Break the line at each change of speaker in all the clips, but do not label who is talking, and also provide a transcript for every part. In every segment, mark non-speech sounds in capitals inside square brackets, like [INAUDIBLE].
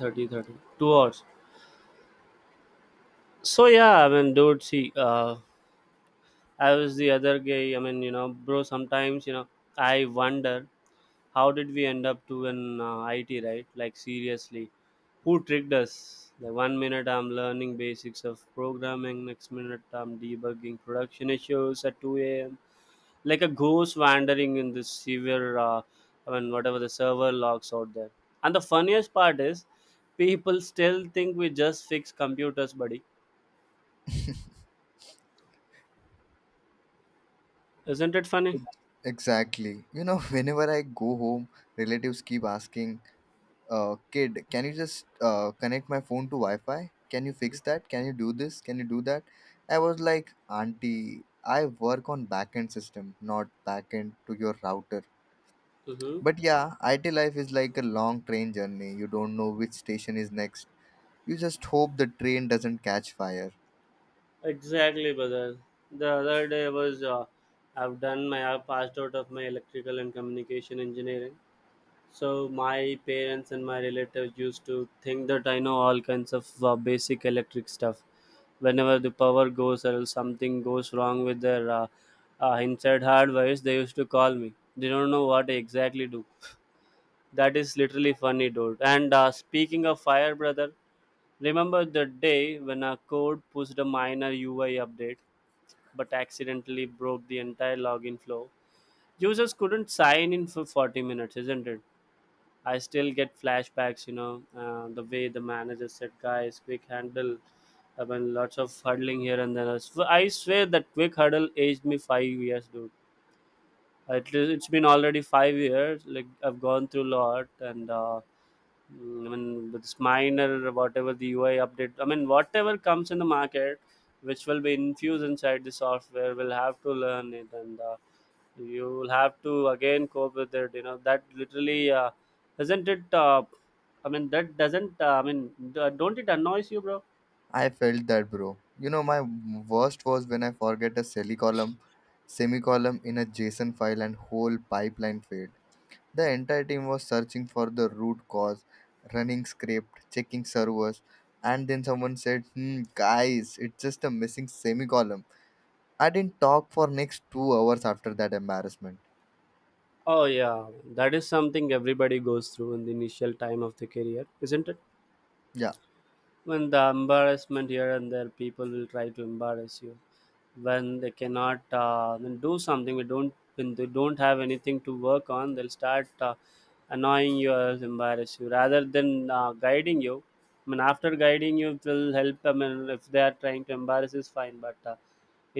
30 thirty. 2 hours. So yeah, I mean, dude, see, I was the other guy, I mean, bro, sometimes, I wonder, how did we end up to an IT, right? Like seriously, who tricked us? The one minute I'm learning basics of programming, next minute I'm debugging production issues at 2 a.m. Like a ghost wandering in this severe, I mean, whatever the server logs out there. And the funniest part is, people still think we just fix computers, buddy. Isn't it funny?
Exactly. [LAUGHS] Whenever I go home, relatives keep asking, kid, can you just connect my phone to Wi Fi? Can you fix that? Can you do this? Can you do that? I was like, "Auntie, I work on backend system, not backend to your router."
Mm-hmm.
But yeah, IT life is like a long train journey. You don't know which station is next. You just hope the train doesn't catch fire.
Exactly, brother. The other day was I passed out of my electrical and communication engineering. So my parents and my relatives used to think that I know all kinds of basic electric stuff. Whenever the power goes or else something goes wrong with their inside hardware, they used to call me. They don't know what I exactly do. That is literally funny, dude. And speaking of fire, brother, remember the day when our code pushed a minor UI update but accidentally broke the entire login flow? Users couldn't sign in for 40 minutes, isn't it? I still get flashbacks, the way the manager said, guys, quick handle. I mean, lots of hurdling here and there. I swear that quick hurdle aged me 5 years, dude. At least it's been already 5 years. Like I've gone through a lot, and I mean, with this minor whatever the UI update. I mean, whatever comes in the market, which will be infused inside the software, will have to learn it, and you will have to again cope with it. You know that literally isn't it. I mean, that doesn't. I mean, don't it annoys you, bro?
I felt that, bro. You know, my worst was when I forget a semicolon in a JSON file and whole pipeline failed. The entire team was searching for the root cause, running script, checking servers, and then someone said, "Hmm, guys, it's just a missing semicolon." I didn't talk for next 2 hours after that embarrassment.
Oh yeah, that is something everybody goes through in the initial time of the career, isn't it?
Yeah,
When the embarrassment here and there, people will try to embarrass you when they cannot, then do something, we don't, when they don't have anything to work on, they'll start annoying you or else embarrass you rather than guiding you. I mean, after guiding you it will help. I mean, if they are trying to embarrass is fine, but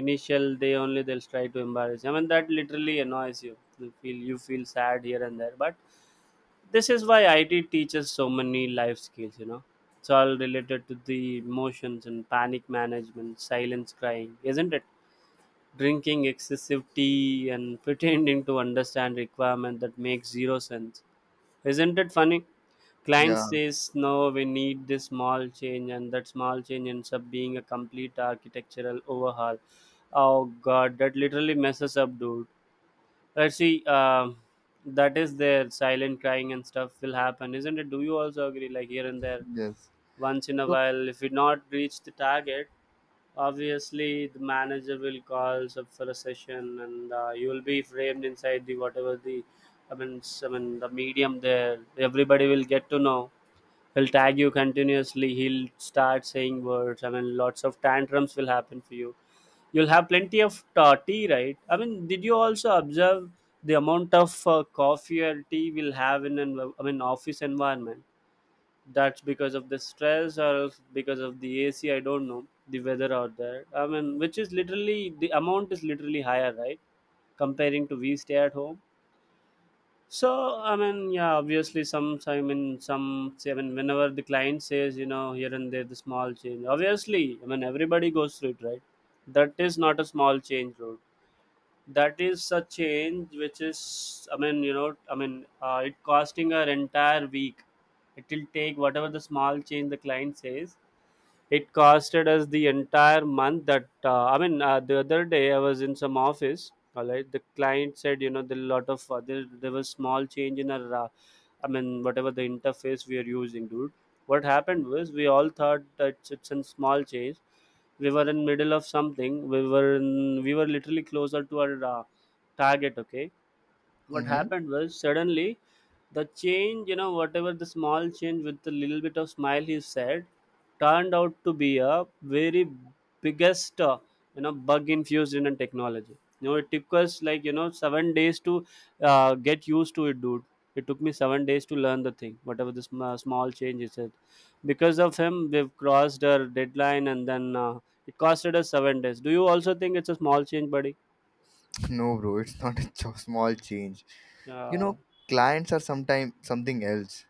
initial day only they'll try to embarrass you. I mean that literally annoys you. You feel sad here and there, but this is why IT teaches so many life skills, you know. It's all related to the emotions and panic management, silence crying, isn't it? Drinking excessive tea and [LAUGHS] pretending to understand requirement that makes zero sense. Isn't it funny? Client
yeah,
says no, we need this small change and that small change ends up being a complete architectural overhaul. Oh god, that literally messes up, dude. See, that is their silent crying and stuff will happen, isn't it? Do you also agree? Like here and there,
yes.
once in a
Look,
while, if we not reach the target, obviously the manager will call up for a session, and you will be framed inside the whatever the, I mean, I mean the medium there. Everybody will get to know. He'll tag you continuously. He'll start saying words. I mean, lots of tantrums will happen for you. You'll have plenty of tea, right? I mean, did you also observe the amount of coffee or tea we'll have in an, I mean, office environment? That's because of the stress or else because of the AC. I don't know the weather out there. I mean, which is literally the amount is literally higher, right? Comparing to we stay at home. So I mean, yeah, obviously some, I mean, some say, I mean, whenever the client says, you know, here and there the small change. Obviously, I mean, everybody goes through it, right? That is not a small change, bro. That is a change which is, I mean, you know, I mean, it costing our entire week. It will take whatever the small change the client says, it costed us the entire month. That I mean, the other day I was in some office. All right, the client said, you know, the lot of there was small change in our I mean whatever the interface we are using, dude. What happened was we all thought that it's a small change. We were in middle of something. We were literally closer to our target. Okay, what
mm-hmm.
happened was suddenly the change, you know, whatever the small change with a little bit of smile he said, turned out to be a very biggest, you know, bug infused in a technology. You know it took us like, you know, 7 days to get used to it, dude. It took me 7 days to learn the thing whatever this small change is it. Because of him we've crossed our deadline, and then it costed us 7 days. Do you also think it's a small change, buddy?
No, bro, it's not a [LAUGHS] small change. You
uh,
know, clients are sometimes something else.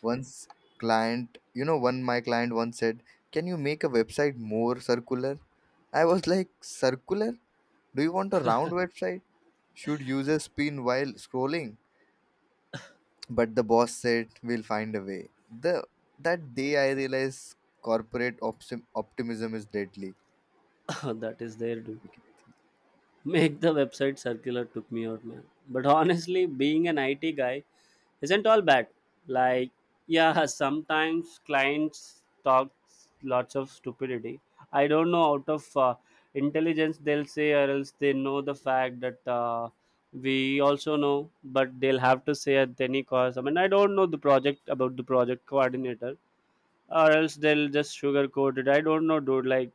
Once client, you know, One my client once said, "Can you make a website more circular?" I was like, "Circular? Do you want a round website? Should users spin while scrolling?" But the boss said, "We'll find a way." The That day I realized corporate optimism is deadly.
[COUGHS] [LAUGHS] that is there, dude. Make the website circular took me out, man. But honestly, being an IT guy isn't all bad. Like, yeah, sometimes clients talk lots of stupidity. I don't know, out of intelligence, they'll say, or else they know the fact that, we also know, but they'll have to say at any cost. I mean, I don't know the project about the project coordinator, or else they'll just sugarcoat it. I don't know, dude. Like,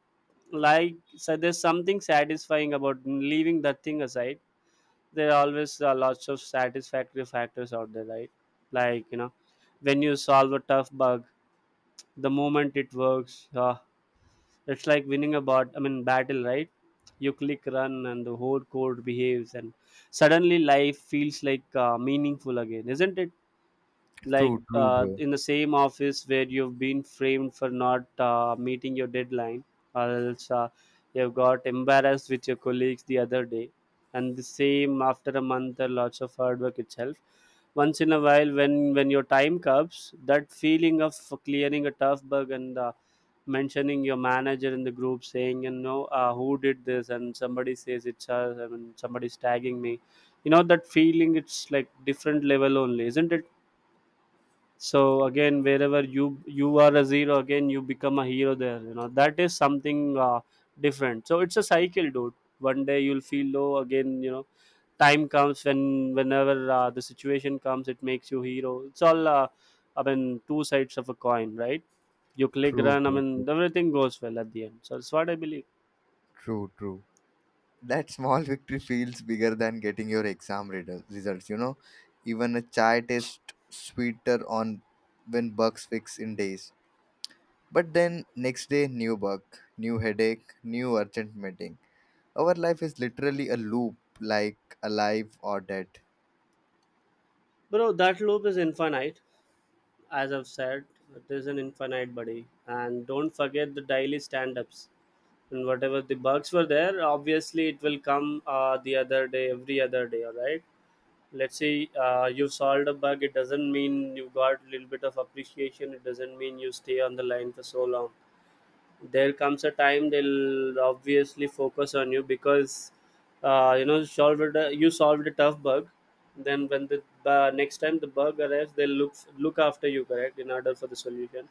so there's something satisfying about leaving that thing aside. There are always, lots of satisfactory factors out there, right? Like, you know, when you solve a tough bug, the moment it works, it's like winning a bot. I mean, battle, right? You click run, and the whole code behaves, and suddenly life feels like meaningful again, isn't it? Like,
True, true, bro.
in the same office where you've been framed for not meeting your deadline, or else, you've got embarrassed with your colleagues the other day, and the same after a month or lots of hard work itself, once in a while, when your time comes, that feeling of clearing a tough bug, and mentioning your manager in the group saying, you know, who did this, and somebody says it's us, and somebody's tagging me, you know that feeling, it's like different level only, isn't it? So again, wherever you are a zero, again you become a hero there, you know that is something, different. So it's a cycle, dude. One day you'll feel low again, you know, time comes when whenever, the situation comes, it makes you hero. It's all, I mean, two sides of a coin, right? You click
True,
run, I
bro.
mean,
True,
everything goes well at the end, so that's what I believe.
true, true. That small victory feels bigger than getting your exam results. You know, even a chai tastes sweeter on when bugs fix in days. But then next day, new bug, new headache, new urgent meeting. Our life is literally a loop, like alive or dead.
Bro, that loop is infinite. As I've said, it is an infinite, buddy. And don't forget the daily stand-ups, and whatever the bugs were there, obviously it will come, the other day, every other day, all right. Let's say, you solved a bug, it doesn't mean you got a little bit of appreciation, it doesn't mean you stay on the line for so long. There comes a time, they'll obviously focus on you because, you know, solved a you solved a tough bug. Then when the, next time the bug arrives, they'll look after you, correct in order for the solution.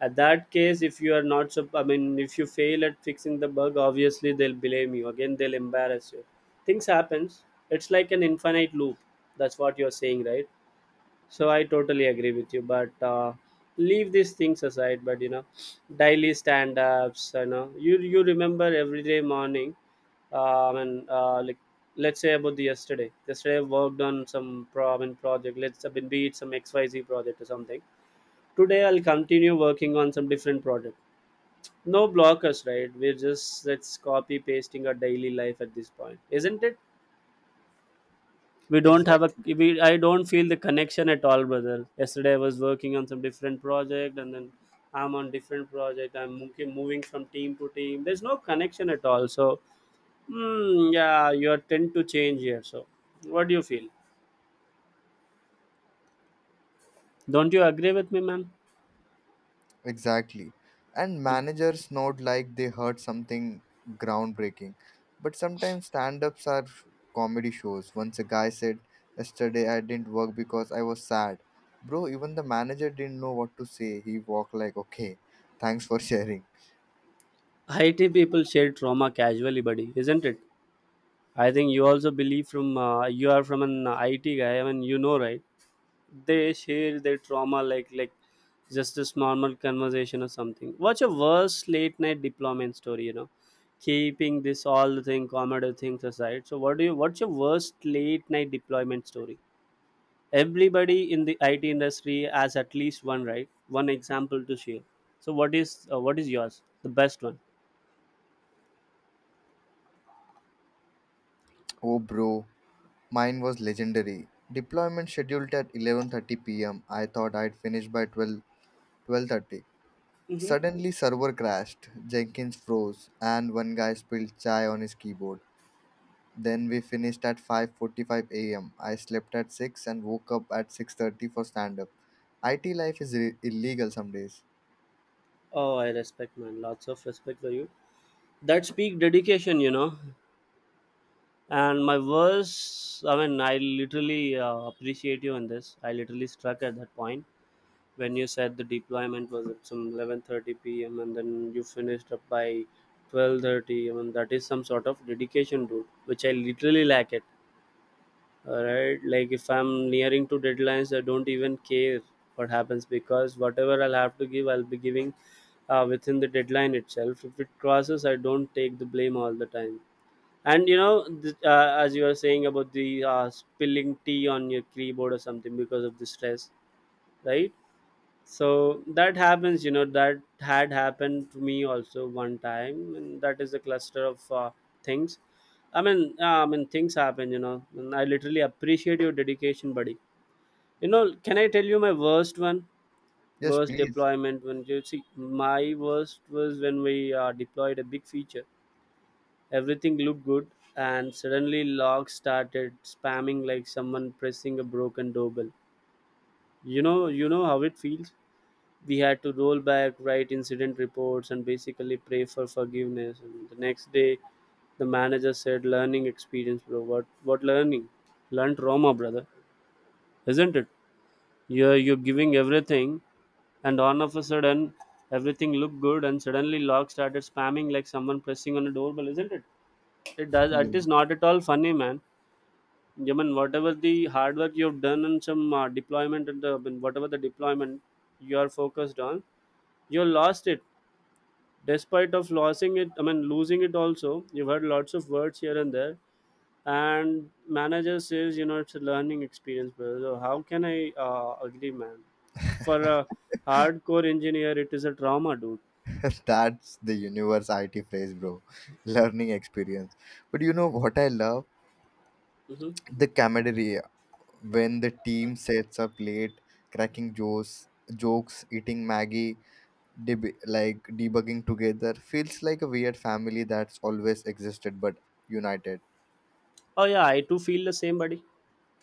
At that case, if you are not, I mean, if you fail at fixing the bug, obviously they'll blame you again, they'll embarrass you. Things happens. It's like an infinite loop. That's what you're saying, right? So I totally agree with you, but, leave these things aside, but you know, daily stand-ups, you know, you remember every day morning, and like, let's say about the yesterday, I worked on some problem project, let's, I mean, be it some xyz project or something. Today I'll continue working on some different project, no blockers, right? We're just, let's, copy pasting our daily life at this point, isn't it? We don't have a,
Exactly.
I don't feel the connection at all, brother. Yesterday I was working on some different project, and then I'm on different project, I'm moving from team to team, there's no connection at all. So, hmm, yeah, you tend to change here. So, what do you feel? Don't you agree with me, man?
Exactly. And managers nod like they heard something groundbreaking. But sometimes stand ups are comedy shows. Once a guy said, "Yesterday I didn't work because I was sad." Bro, even the manager didn't know what to say. He walked like, "Okay, thanks for [LAUGHS] sharing."
It people share trauma casually, buddy, isn't it? I think you also believe, from you are from an IT guy. I mean, you know, right? They share their trauma, like just this normal conversation or something. What's your worst late night deployment story? You know, keeping this all the thing comedy things aside. So, what do you? What's your worst late night deployment story? Everybody in the IT industry has at least one, right? One example to share. So, what is yours? The best one.
Oh, bro, mine was legendary. Deployment scheduled at 11:30 p.m. I thought I'd finish by twelve thirty.
Mm-hmm.
Suddenly server crashed, Jenkins froze, and one guy spilled chai on his keyboard. Then we finished at 5:45 a.m. I slept at 6 and woke up at 6:30 for stand up. IT life is illegal some days.
Oh, I respect, man. Lots of respect for you. That's peak dedication, and my verse, I literally appreciate you in this. I literally struck at that point when you said the deployment was at some 11:30 p.m. and then you finished up by 12:30. I mean, that is some sort of dedication, dude, which I literally lack it. All right, like if I'm nearing to deadlines, I don't even care what happens, because whatever I'll have to give, I'll be giving within the deadline itself. If it crosses, I don't take the blame all the time. And as you were saying about the spilling tea on your keyboard or something because of the stress, right? So that happens, that had happened to me also one time, and that is a cluster of things. I mean, things happen, And I literally appreciate your dedication, buddy. You know, can I tell you my worst one?
Yes,
Worst
please.
deployment, when you see, my worst was when we deployed a big feature. Everything looked good, and suddenly Locke started spamming like someone pressing a broken doorbell. You know, how it feels. We had to roll back, write incident reports, and basically pray for forgiveness. And the next day, the manager said, "Learning experience, bro." What learning? Learn trauma, brother. Isn't it? You're giving everything, and all of a sudden, everything looked good, and suddenly Locke started spamming like someone pressing on a doorbell. Isn't it? It does.
Yeah.
It is not at all funny, man. I mean, whatever the hard work you've done and some deployment and the, and whatever the deployment you are focused on, you lost it. Despite of losing it, I mean losing it also, you've heard lots of words here and there. And manager says, you know, it's a learning experience, brother. So how can I agree, man? For a hardcore engineer, it is a trauma, dude.
[LAUGHS] That's the universe IT phrase, bro. [LAUGHS] Learning experience. But you know what I love?
Hmm.
The camaraderie when the team sets up late, cracking jokes, eating Maggie, like debugging together feels like a weird family that's always existed but united.
Oh yeah, I too feel the same, buddy.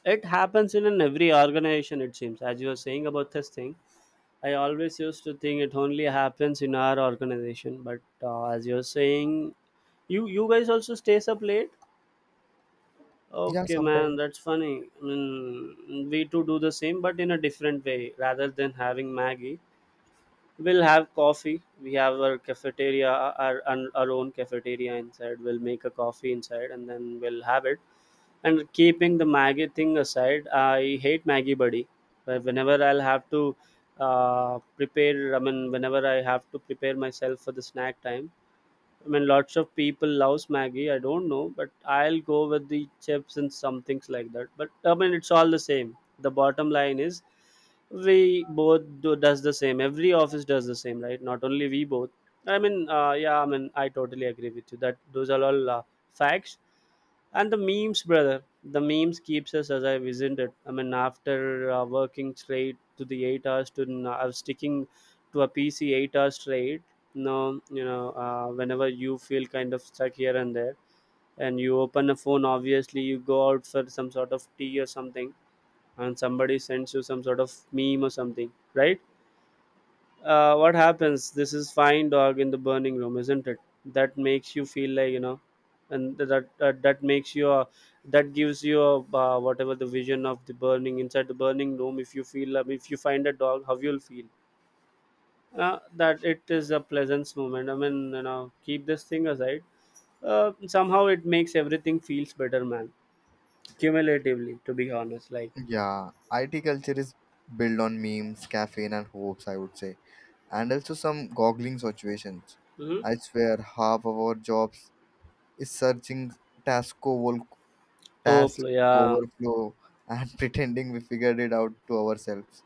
It happens in an every organization, it seems. As you were saying about this thing, I always used to think it only happens in our organization, but as you're saying, you guys also stays up late.
Yeah,
Okay, man,
sometimes.
that's funny. I mean, we too do the same, but in a different way. Rather than having Maggie, we'll have coffee. We have our cafeteria, our own cafeteria inside. We'll make a coffee inside, and then we'll have it. And keeping the Maggie thing aside, I hate Maggie, buddy. Where whenever I'll have to prepare, I mean, whenever I have to prepare myself for the snack time, I mean, lots of people loves Maggie. I don't know, but I'll go with the chips and some things like that. But I mean, it's all the same. The bottom line is, we both do does the same. Every office does the same, right? Not only we both. Yeah, I mean, I totally agree with you that those are all facts, and the memes, brother. The memes keeps us as I isn't it? I mean, after working straight to the 8 hours to sticking to a pc 8 hours straight. No You know, whenever you feel kind of stuck here and there, and you open a phone, obviously you go out for some sort of tea or something, and somebody sends you some sort of meme or something, right? What happens, this is fine, dog in the burning room, isn't it? That makes you feel like, you know, and that makes you a, that gives you a, whatever the vision of the burning, inside the burning room, if you feel if you find a dog, how you'll feel. That it is a pleasant moment, I mean, you know, keep this thing aside. Somehow it makes everything feels better, man, cumulatively, to be honest, like.
Yeah, IT culture is built on memes, caffeine, and hopes, I would say, and also some goggling situations.
Hmm.
I swear, half of our jobs is searching task, over,
Oh
task
yeah,
overflow and [LAUGHS] pretending we figured it out to ourselves.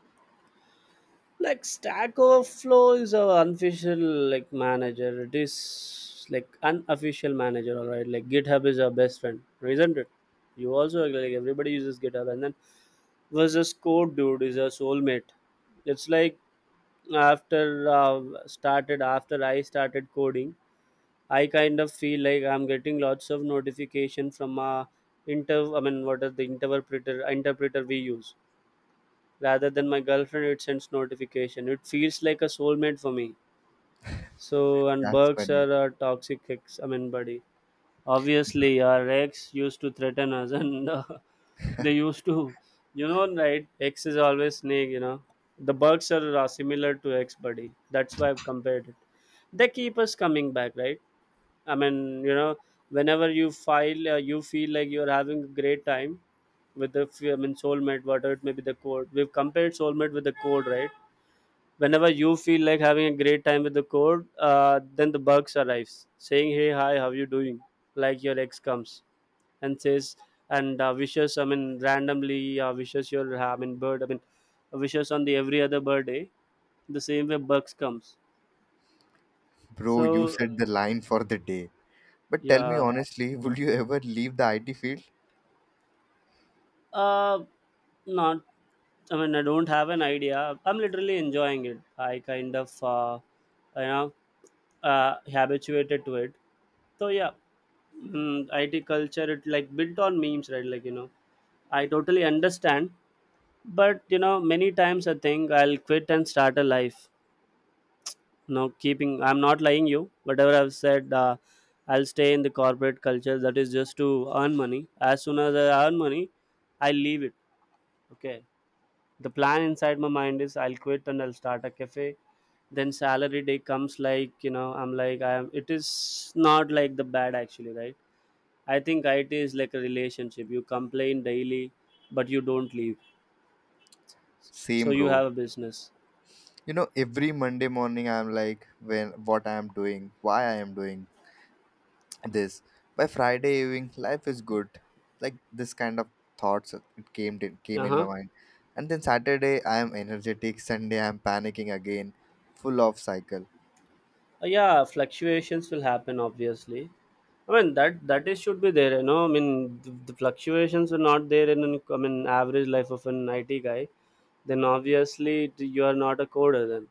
like Stack Overflow is our unofficial, like, manager. It is like unofficial manager. All right, like GitHub is our best friend, isn't it? You also, like, everybody uses GitHub. And then versus code, dude, is our soulmate. It's like, after started after I started coding, I kind of feel like I'm getting lots of notification from inter I mean what is the interpreter we use, rather than my girlfriend. It sends notification, it feels like a soulmate for me. So, and
That's
bugs
funny.
are a toxic ex, I mean, buddy. Obviously our ex used to threaten us, and [LAUGHS] they used to, you know, right? Ex is always snake, you know. The bugs are similar to ex, buddy, that's why I've compared it. They keep us coming back, right? I mean, you know, whenever you file you feel like you're having a great time with I mean soulmate, whatever it may be, the code. We've compared soulmate with the code, right? Whenever you feel like having a great time with the code, then the bugs arrives, saying, "Hey, hi, how you doing?" Like your ex comes and says, and wishes. I mean, randomly wishes your, I mean, bird, I mean, wishes on the every other birthday. The same way bugs comes.
Bro, you
So
said the line for the day. But tell me
yeah,
honestly, would you ever leave the IT field?
uh, not. I mean, I don't have an idea. I'm literally enjoying it. I kind of, you know, habituated to it. So yeah, IT culture it like built on memes, right? Like you know, I totally understand, but you know, many times I think I'll quit and start a life. No, keeping I'm not lying you. Whatever I've said, I'll stay in the corporate culture. That is just to earn money. As soon as I earn money, I leave it. Okay. The plan inside my mind is I'll quit and I'll start a cafe. Then salary day comes, like, you know, I'm like, I'm. It is not like the bad, actually, right? I think IT is like a relationship. You complain daily, but you don't leave. So
Same,
you
bro.
have a business.
You know, every Monday morning, I'm like, when what I am doing, why I am doing this? By Friday evening, life is good. Like, this kind of thoughts it came in came in
Uh-huh.
my mind. And then Saturday, I am energetic. Sunday, I am panicking again. Full of cycle.
Huh. Yeah, fluctuations will happen. Obviously, I mean that is should be there. You know, I mean the fluctuations are not there in an, I mean, average life of an IT guy. Then obviously you are not a coder. Then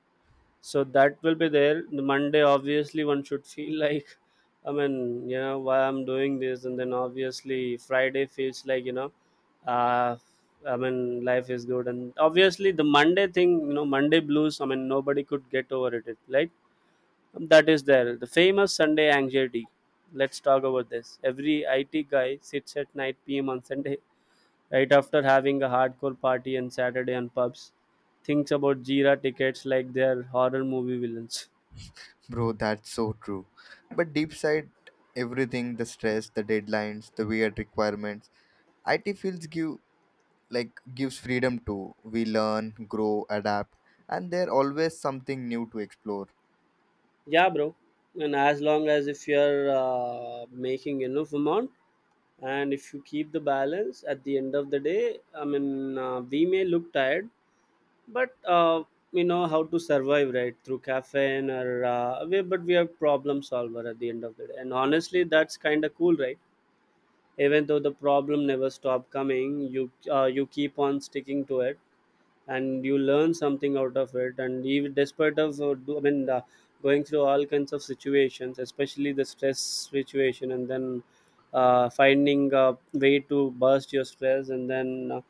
so that will be there. The Monday, obviously one should feel [LAUGHS] like, I mean, you know, why I'm doing this. And then obviously Friday feels like, you know, uh I mean life is good. And obviously the Monday thing, you know, Monday blues, I mean nobody could get over it. Like, that is there, the famous Sunday anxiety. Let's talk about this. Every IT guy sits at 9 p.m. on Sunday, right after having a hardcore party on Saturday on pubs, thinks about Jira tickets like they're horror movie villains.
Bro, that's so true. But deep side, everything, the stress, the deadlines, the weird requirements, IT fields gives freedom to we learn, grow, adapt, and there always something new to explore.
Yeah, bro. And as long as if you're making enough amount, and if you keep the balance at the end of the day, I mean, we may look tired, but we know how to survive, right? Through caffeine or but we are problem solver at the end of the day. And honestly, that's kind of cool, right? Even though the problem never stop coming, you keep on sticking to it, and you learn something out of it. And even despite of do, I mean going through all kinds of situations, especially the stress situation, and then finding a way to burst your stress, and then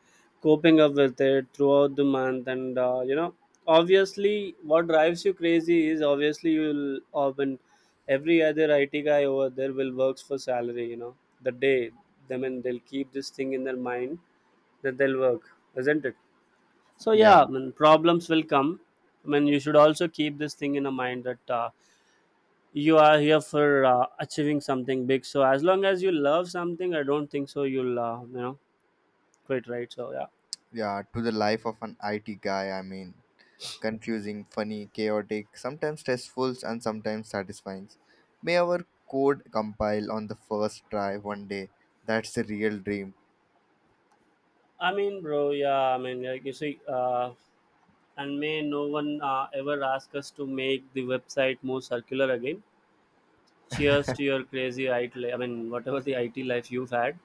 coping up with it throughout the month. And you know, obviously what drives you crazy is obviously you'll often, every other IT guy over there will works for salary, you know, the day, I mean, they'll keep this thing in their mind that they'll work, isn't it? So yeah,
Yeah,
I mean, problems will come. I mean, you should also keep this thing in a mind that you are here for achieving something big. So as long as you love something, I don't think so you'll you know, quit, right? So yeah,
yeah, to the life of an IT guy, I mean, confusing, funny, chaotic, sometimes stressful, and sometimes satisfying. May our code compile on the first try one day. That's the real dream.
I mean, bro, yeah, I mean, like you see, and may no one ever ask us to make the website more circular again. Cheers to your crazy IT. I mean, whatever the IT life you've had.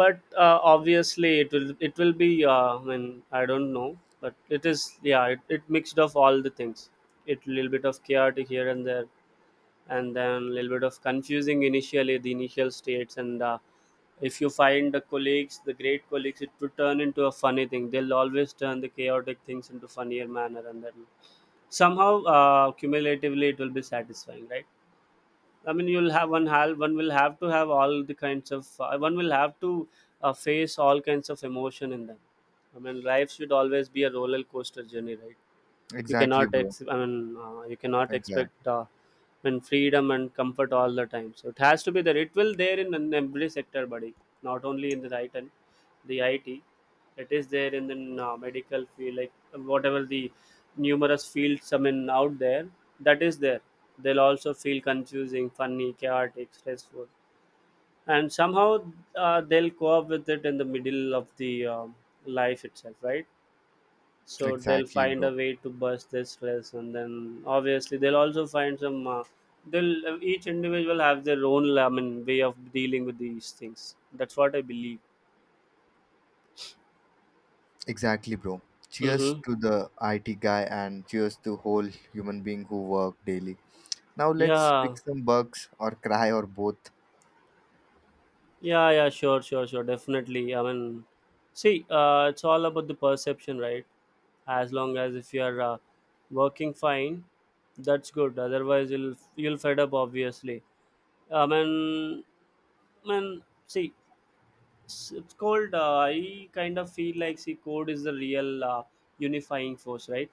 But obviously it will be I don't know, but it is, yeah, it mixed of all the things. It little bit of chaotic here and there, and then little bit of confusing initially, the initial states. And if you find the colleagues, the great colleagues, it will turn into a funny thing. They'll always turn the chaotic things into funnier manner, and then somehow, cumulatively, it will be satisfying, right? I mean, you'll have one will have to have all the kinds of one will have to face all kinds of emotion in them. I mean, life should always be a roller coaster journey, right? you
Exactly,
cannot
bro.
ex- i mean you cannot
Exactly.
expect, I mean, freedom and comfort all the time. So it has to be there, it will there in every sector, buddy. Not only in the IT, the IT, it is there in the medical field, like whatever the numerous fields, out there, that is there. They'll also feel confusing, funny, chaotic, stressful, and somehow they'll co-op with it in the middle of the life itself, right? So they'll
Exactly,
find
bro.
a way to bust this stress, and then obviously they'll also find some they'll each individual have their own, I mean, way of dealing with these things. That's what I believe.
Exactly, bro. Cheers
Mm-hmm.
to the IT guy and cheers to whole human being who work daily. Now let's
Yeah.
fix some bugs or cry or both.
Yeah, sure, definitely. See, it's all about the perception, right? As long as if you are working fine, that's good. Otherwise you'll, fed up obviously. i mean I mean, see, it's called. I kind of feel like, see, code is the real unifying force, right?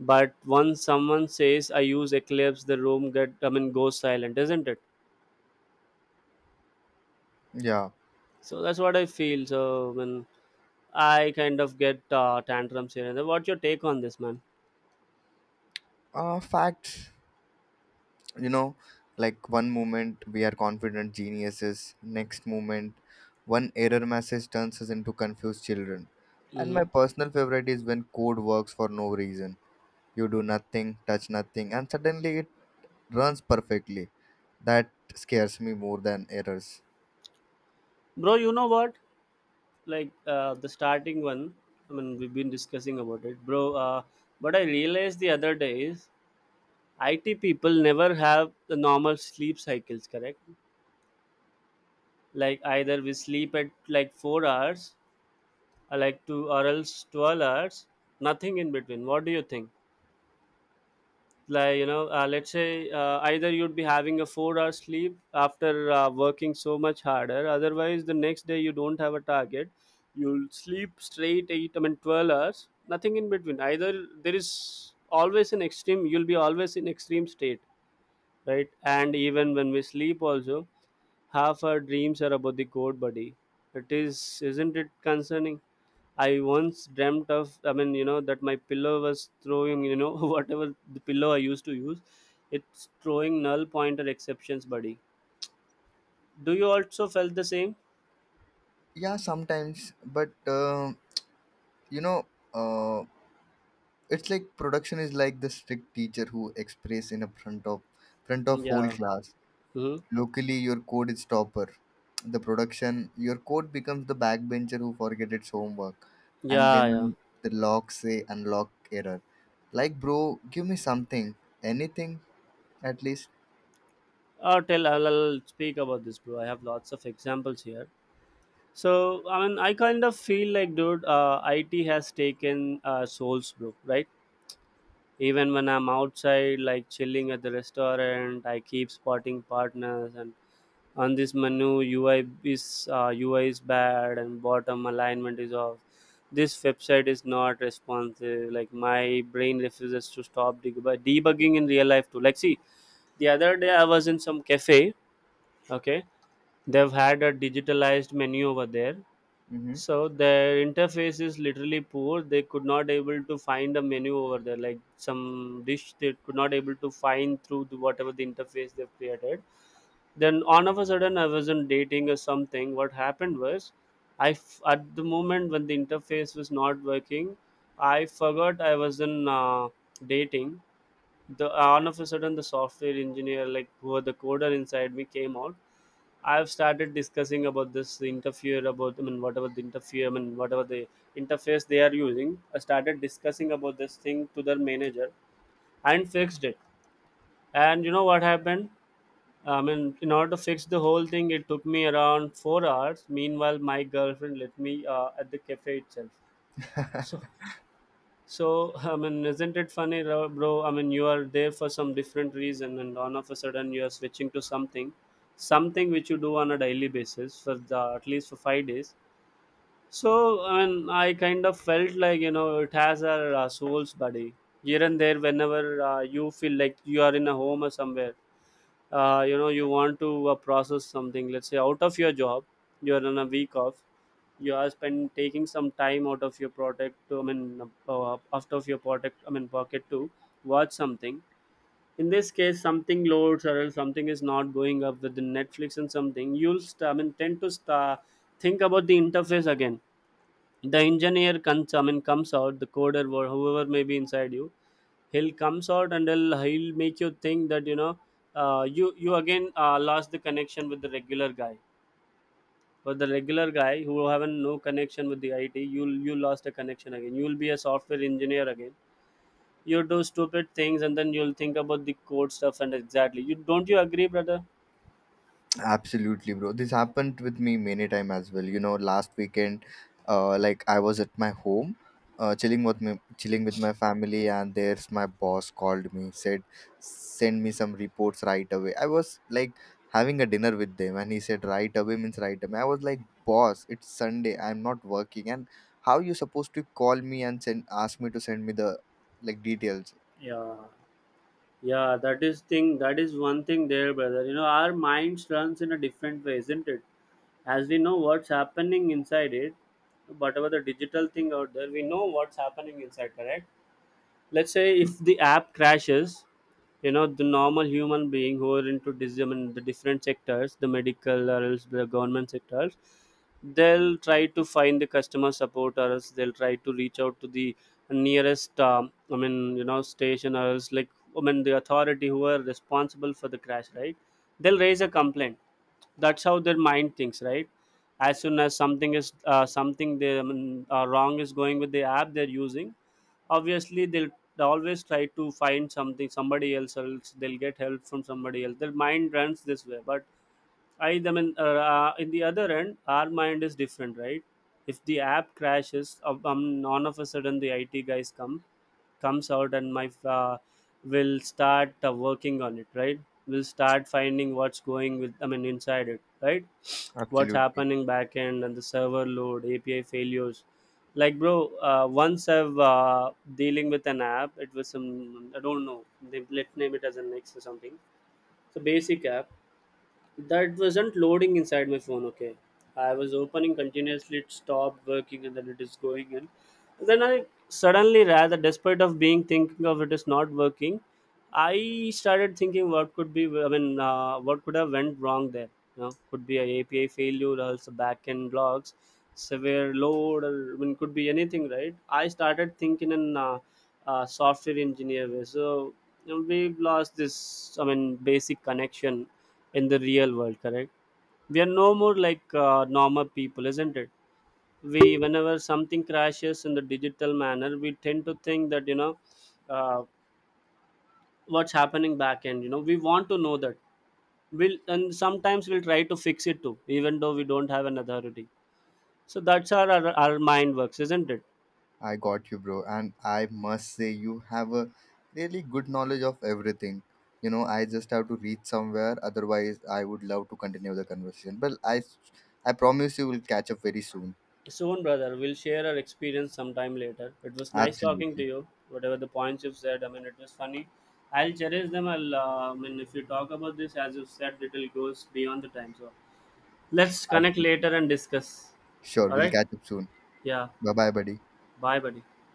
But once someone says I use Eclipse, the room get I mean goes silent, isn't it?
Yeah.
So that's what I feel. So when I kind of get tantrums here and there. What's your take on this, man?
Facts. you know like, one moment we are confident geniuses. Next moment, one error message turns us into confused children. And
Hmm.
my personal favorite is when code works for no reason. You do nothing, touch nothing, and suddenly it runs perfectly. That scares me more than errors.
Bro, you know what? Like, the starting one, I mean, we've been discussing about it, bro. What I realized the other day is IT people never have the normal sleep cycles, correct? Like, either we sleep at like 4 hours, or like 2, or else 12 hours, nothing in between. What do you think? Like, you know, let's say, either you'd be having a 4-hour sleep after working so much harder. Otherwise the next day, you don't have a target, you'll sleep straight 8, 12 hours, nothing in between either. There is always an extreme, you'll be always in extreme state, right? And even when we sleep also, half our dreams are about the code, buddy. It is, isn't it concerning? I once dreamt of, you know, that my pillow was throwing, you know, [LAUGHS] whatever the pillow I used to use, it's throwing null pointer exceptions, buddy. Do you also felt the same?
Yeah, sometimes, but you know uh, it's like production is like the strict teacher who express in a front of whole
Yeah.
class.
Hmm.
Locally, your code is topper. The production, your code becomes the backbencher who forget its homework, and
Yeah, yeah.
then the logs say unlock error. Like, bro, give me something, anything at least.
I'll tell, I'll speak about this, bro. I have lots of examples here. So, I kind of feel like, dude, it has taken souls, bro, right? Even when I'm outside, like chilling at the restaurant, I keep spotting partners and on this menu, UI is UI is bad, and bottom alignment is off. This website is not responsive. Like, my brain refuses to stop debugging in real life too. Like, see, the other day I was in some cafe. Okay, they've had a digitalized menu over there.
Mm-hmm.
So their interface is literally poor, they could not able to find a menu over there, like some dish they could not able to find through the whatever the interface they've created. Then all of a sudden, I wasn't dating or something. What happened was, at the moment when the interface was not working, I forgot I was in dating. The all of a sudden, the software engineer, like who are the coder inside me came out. I've started discussing about this interfere about, I mean whatever the interfere, I mean whatever the interface they are using. I started discussing about this thing to their manager, and fixed it. And you know what happened? I mean, in order to fix the whole thing, it took me around 4 hours. Meanwhile, my girlfriend let me at the cafe itself. So. So, [LAUGHS] I mean, isn't it funny, bro? I mean, you are there for some different reason, and all of a sudden you are switching to something, something which you do on a daily basis for the at least for 5 days. So, I mean, I kind of felt like, you know, it has our souls, buddy. Here and there, whenever you feel like you are in a home or somewhere, you know, you want to process something, let's say out of your job. You're on a week off, you are spend taking some time out of your product, out of your product, pocket to watch something. In this case, something loads or else something is not going up with the Netflix, and something you'll tend to think about the interface again. The engineer comes I mean comes out, the coder or whoever may be inside you, he'll comes out and he'll make you think that, you know, you again lost the connection with the regular guy. But the regular guy who haven't no connection with the IT, you lost a connection again, you'll be a software engineer again. You do stupid things and then you'll think about the code stuff, and exactly, you don't, you agree, brother?
Absolutely, bro. This happened with me many time as well. You know, last weekend, like I was at my home, chilling with my family, and there's my boss called me, said, "Send me some reports right away." I was like having a dinner with them, and he said, "Right away" means right away. I was like, "Boss, it's Sunday. I'm not working, and how you supposed to call me and send ask me to send me the details?"
Yeah, yeah, that is thing, that is one thing there, brother. You know, our minds runs in a different way, isn't it? As we know what's happening inside it, whatever the digital thing out there, we know what's happening inside, correct? Let's say if the app crashes, you know, the normal human being who are into I mean, the different sectors, the medical or else the government sectors, they'll try to find the customer support, or else they'll try to reach out to the nearest, you know, station, or else like, the authority who are responsible for the crash, right? They'll raise a complaint. That's how their mind thinks, right? As soon as something is, something they, I mean, wrong is going with the app they're using, obviously they'll always try to find something somebody else, else they'll get help from somebody else. Their mind runs this way. But i I mean uh, in the other end, our mind is different, right? If the app crashes, all of a sudden the IT guys comes out, and my will start working on it, right? Will start finding what's going with, inside it, right? What's
Absolutely.
happening back end, and the server load, API failures. Like, bro, once I've dealing with an app, it was some, I don't know, they, let's name it as a next or something. It's a basic app that wasn't loading inside my phone. Okay, I was opening continuously, it stopped working, and then it is going in. Then I suddenly, rather despite of being thinking of it is not working, I started thinking what could be. I mean, what could have went wrong there? You know, could be a API failure, or else backend logs, severe load, or I mean, could be anything, right? I started thinking in software engineer way. So, you know, we've lost this, I mean, basic connection in the real world, correct? We are no more like normal people, isn't it? We, whenever something crashes in the digital manner, we tend to think that, you know, uh, what's happening back end, you know, we want to know that. We'll, and sometimes we'll try to fix it too, even though we don't have an authority. So that's how our mind works, isn't it?
I got you, bro. And I must say, you have a really good knowledge of everything. You know, I just have to reach somewhere. Otherwise, I would love to continue the conversation. But I promise you, we'll catch up very soon.
Soon, brother. We'll share our experience sometime later. It was nice talking to
Absolutely,
you. Whatever the points you've said, I mean, it was funny. I'll cherish them. I'll, I mean, if you talk about this, as you said, it will goes beyond the time. So let's connect
absolutely.
later and discuss.
Sure,
All
we'll
right?
catch up soon.
Yeah.
Bye, bye, buddy.
Bye, buddy.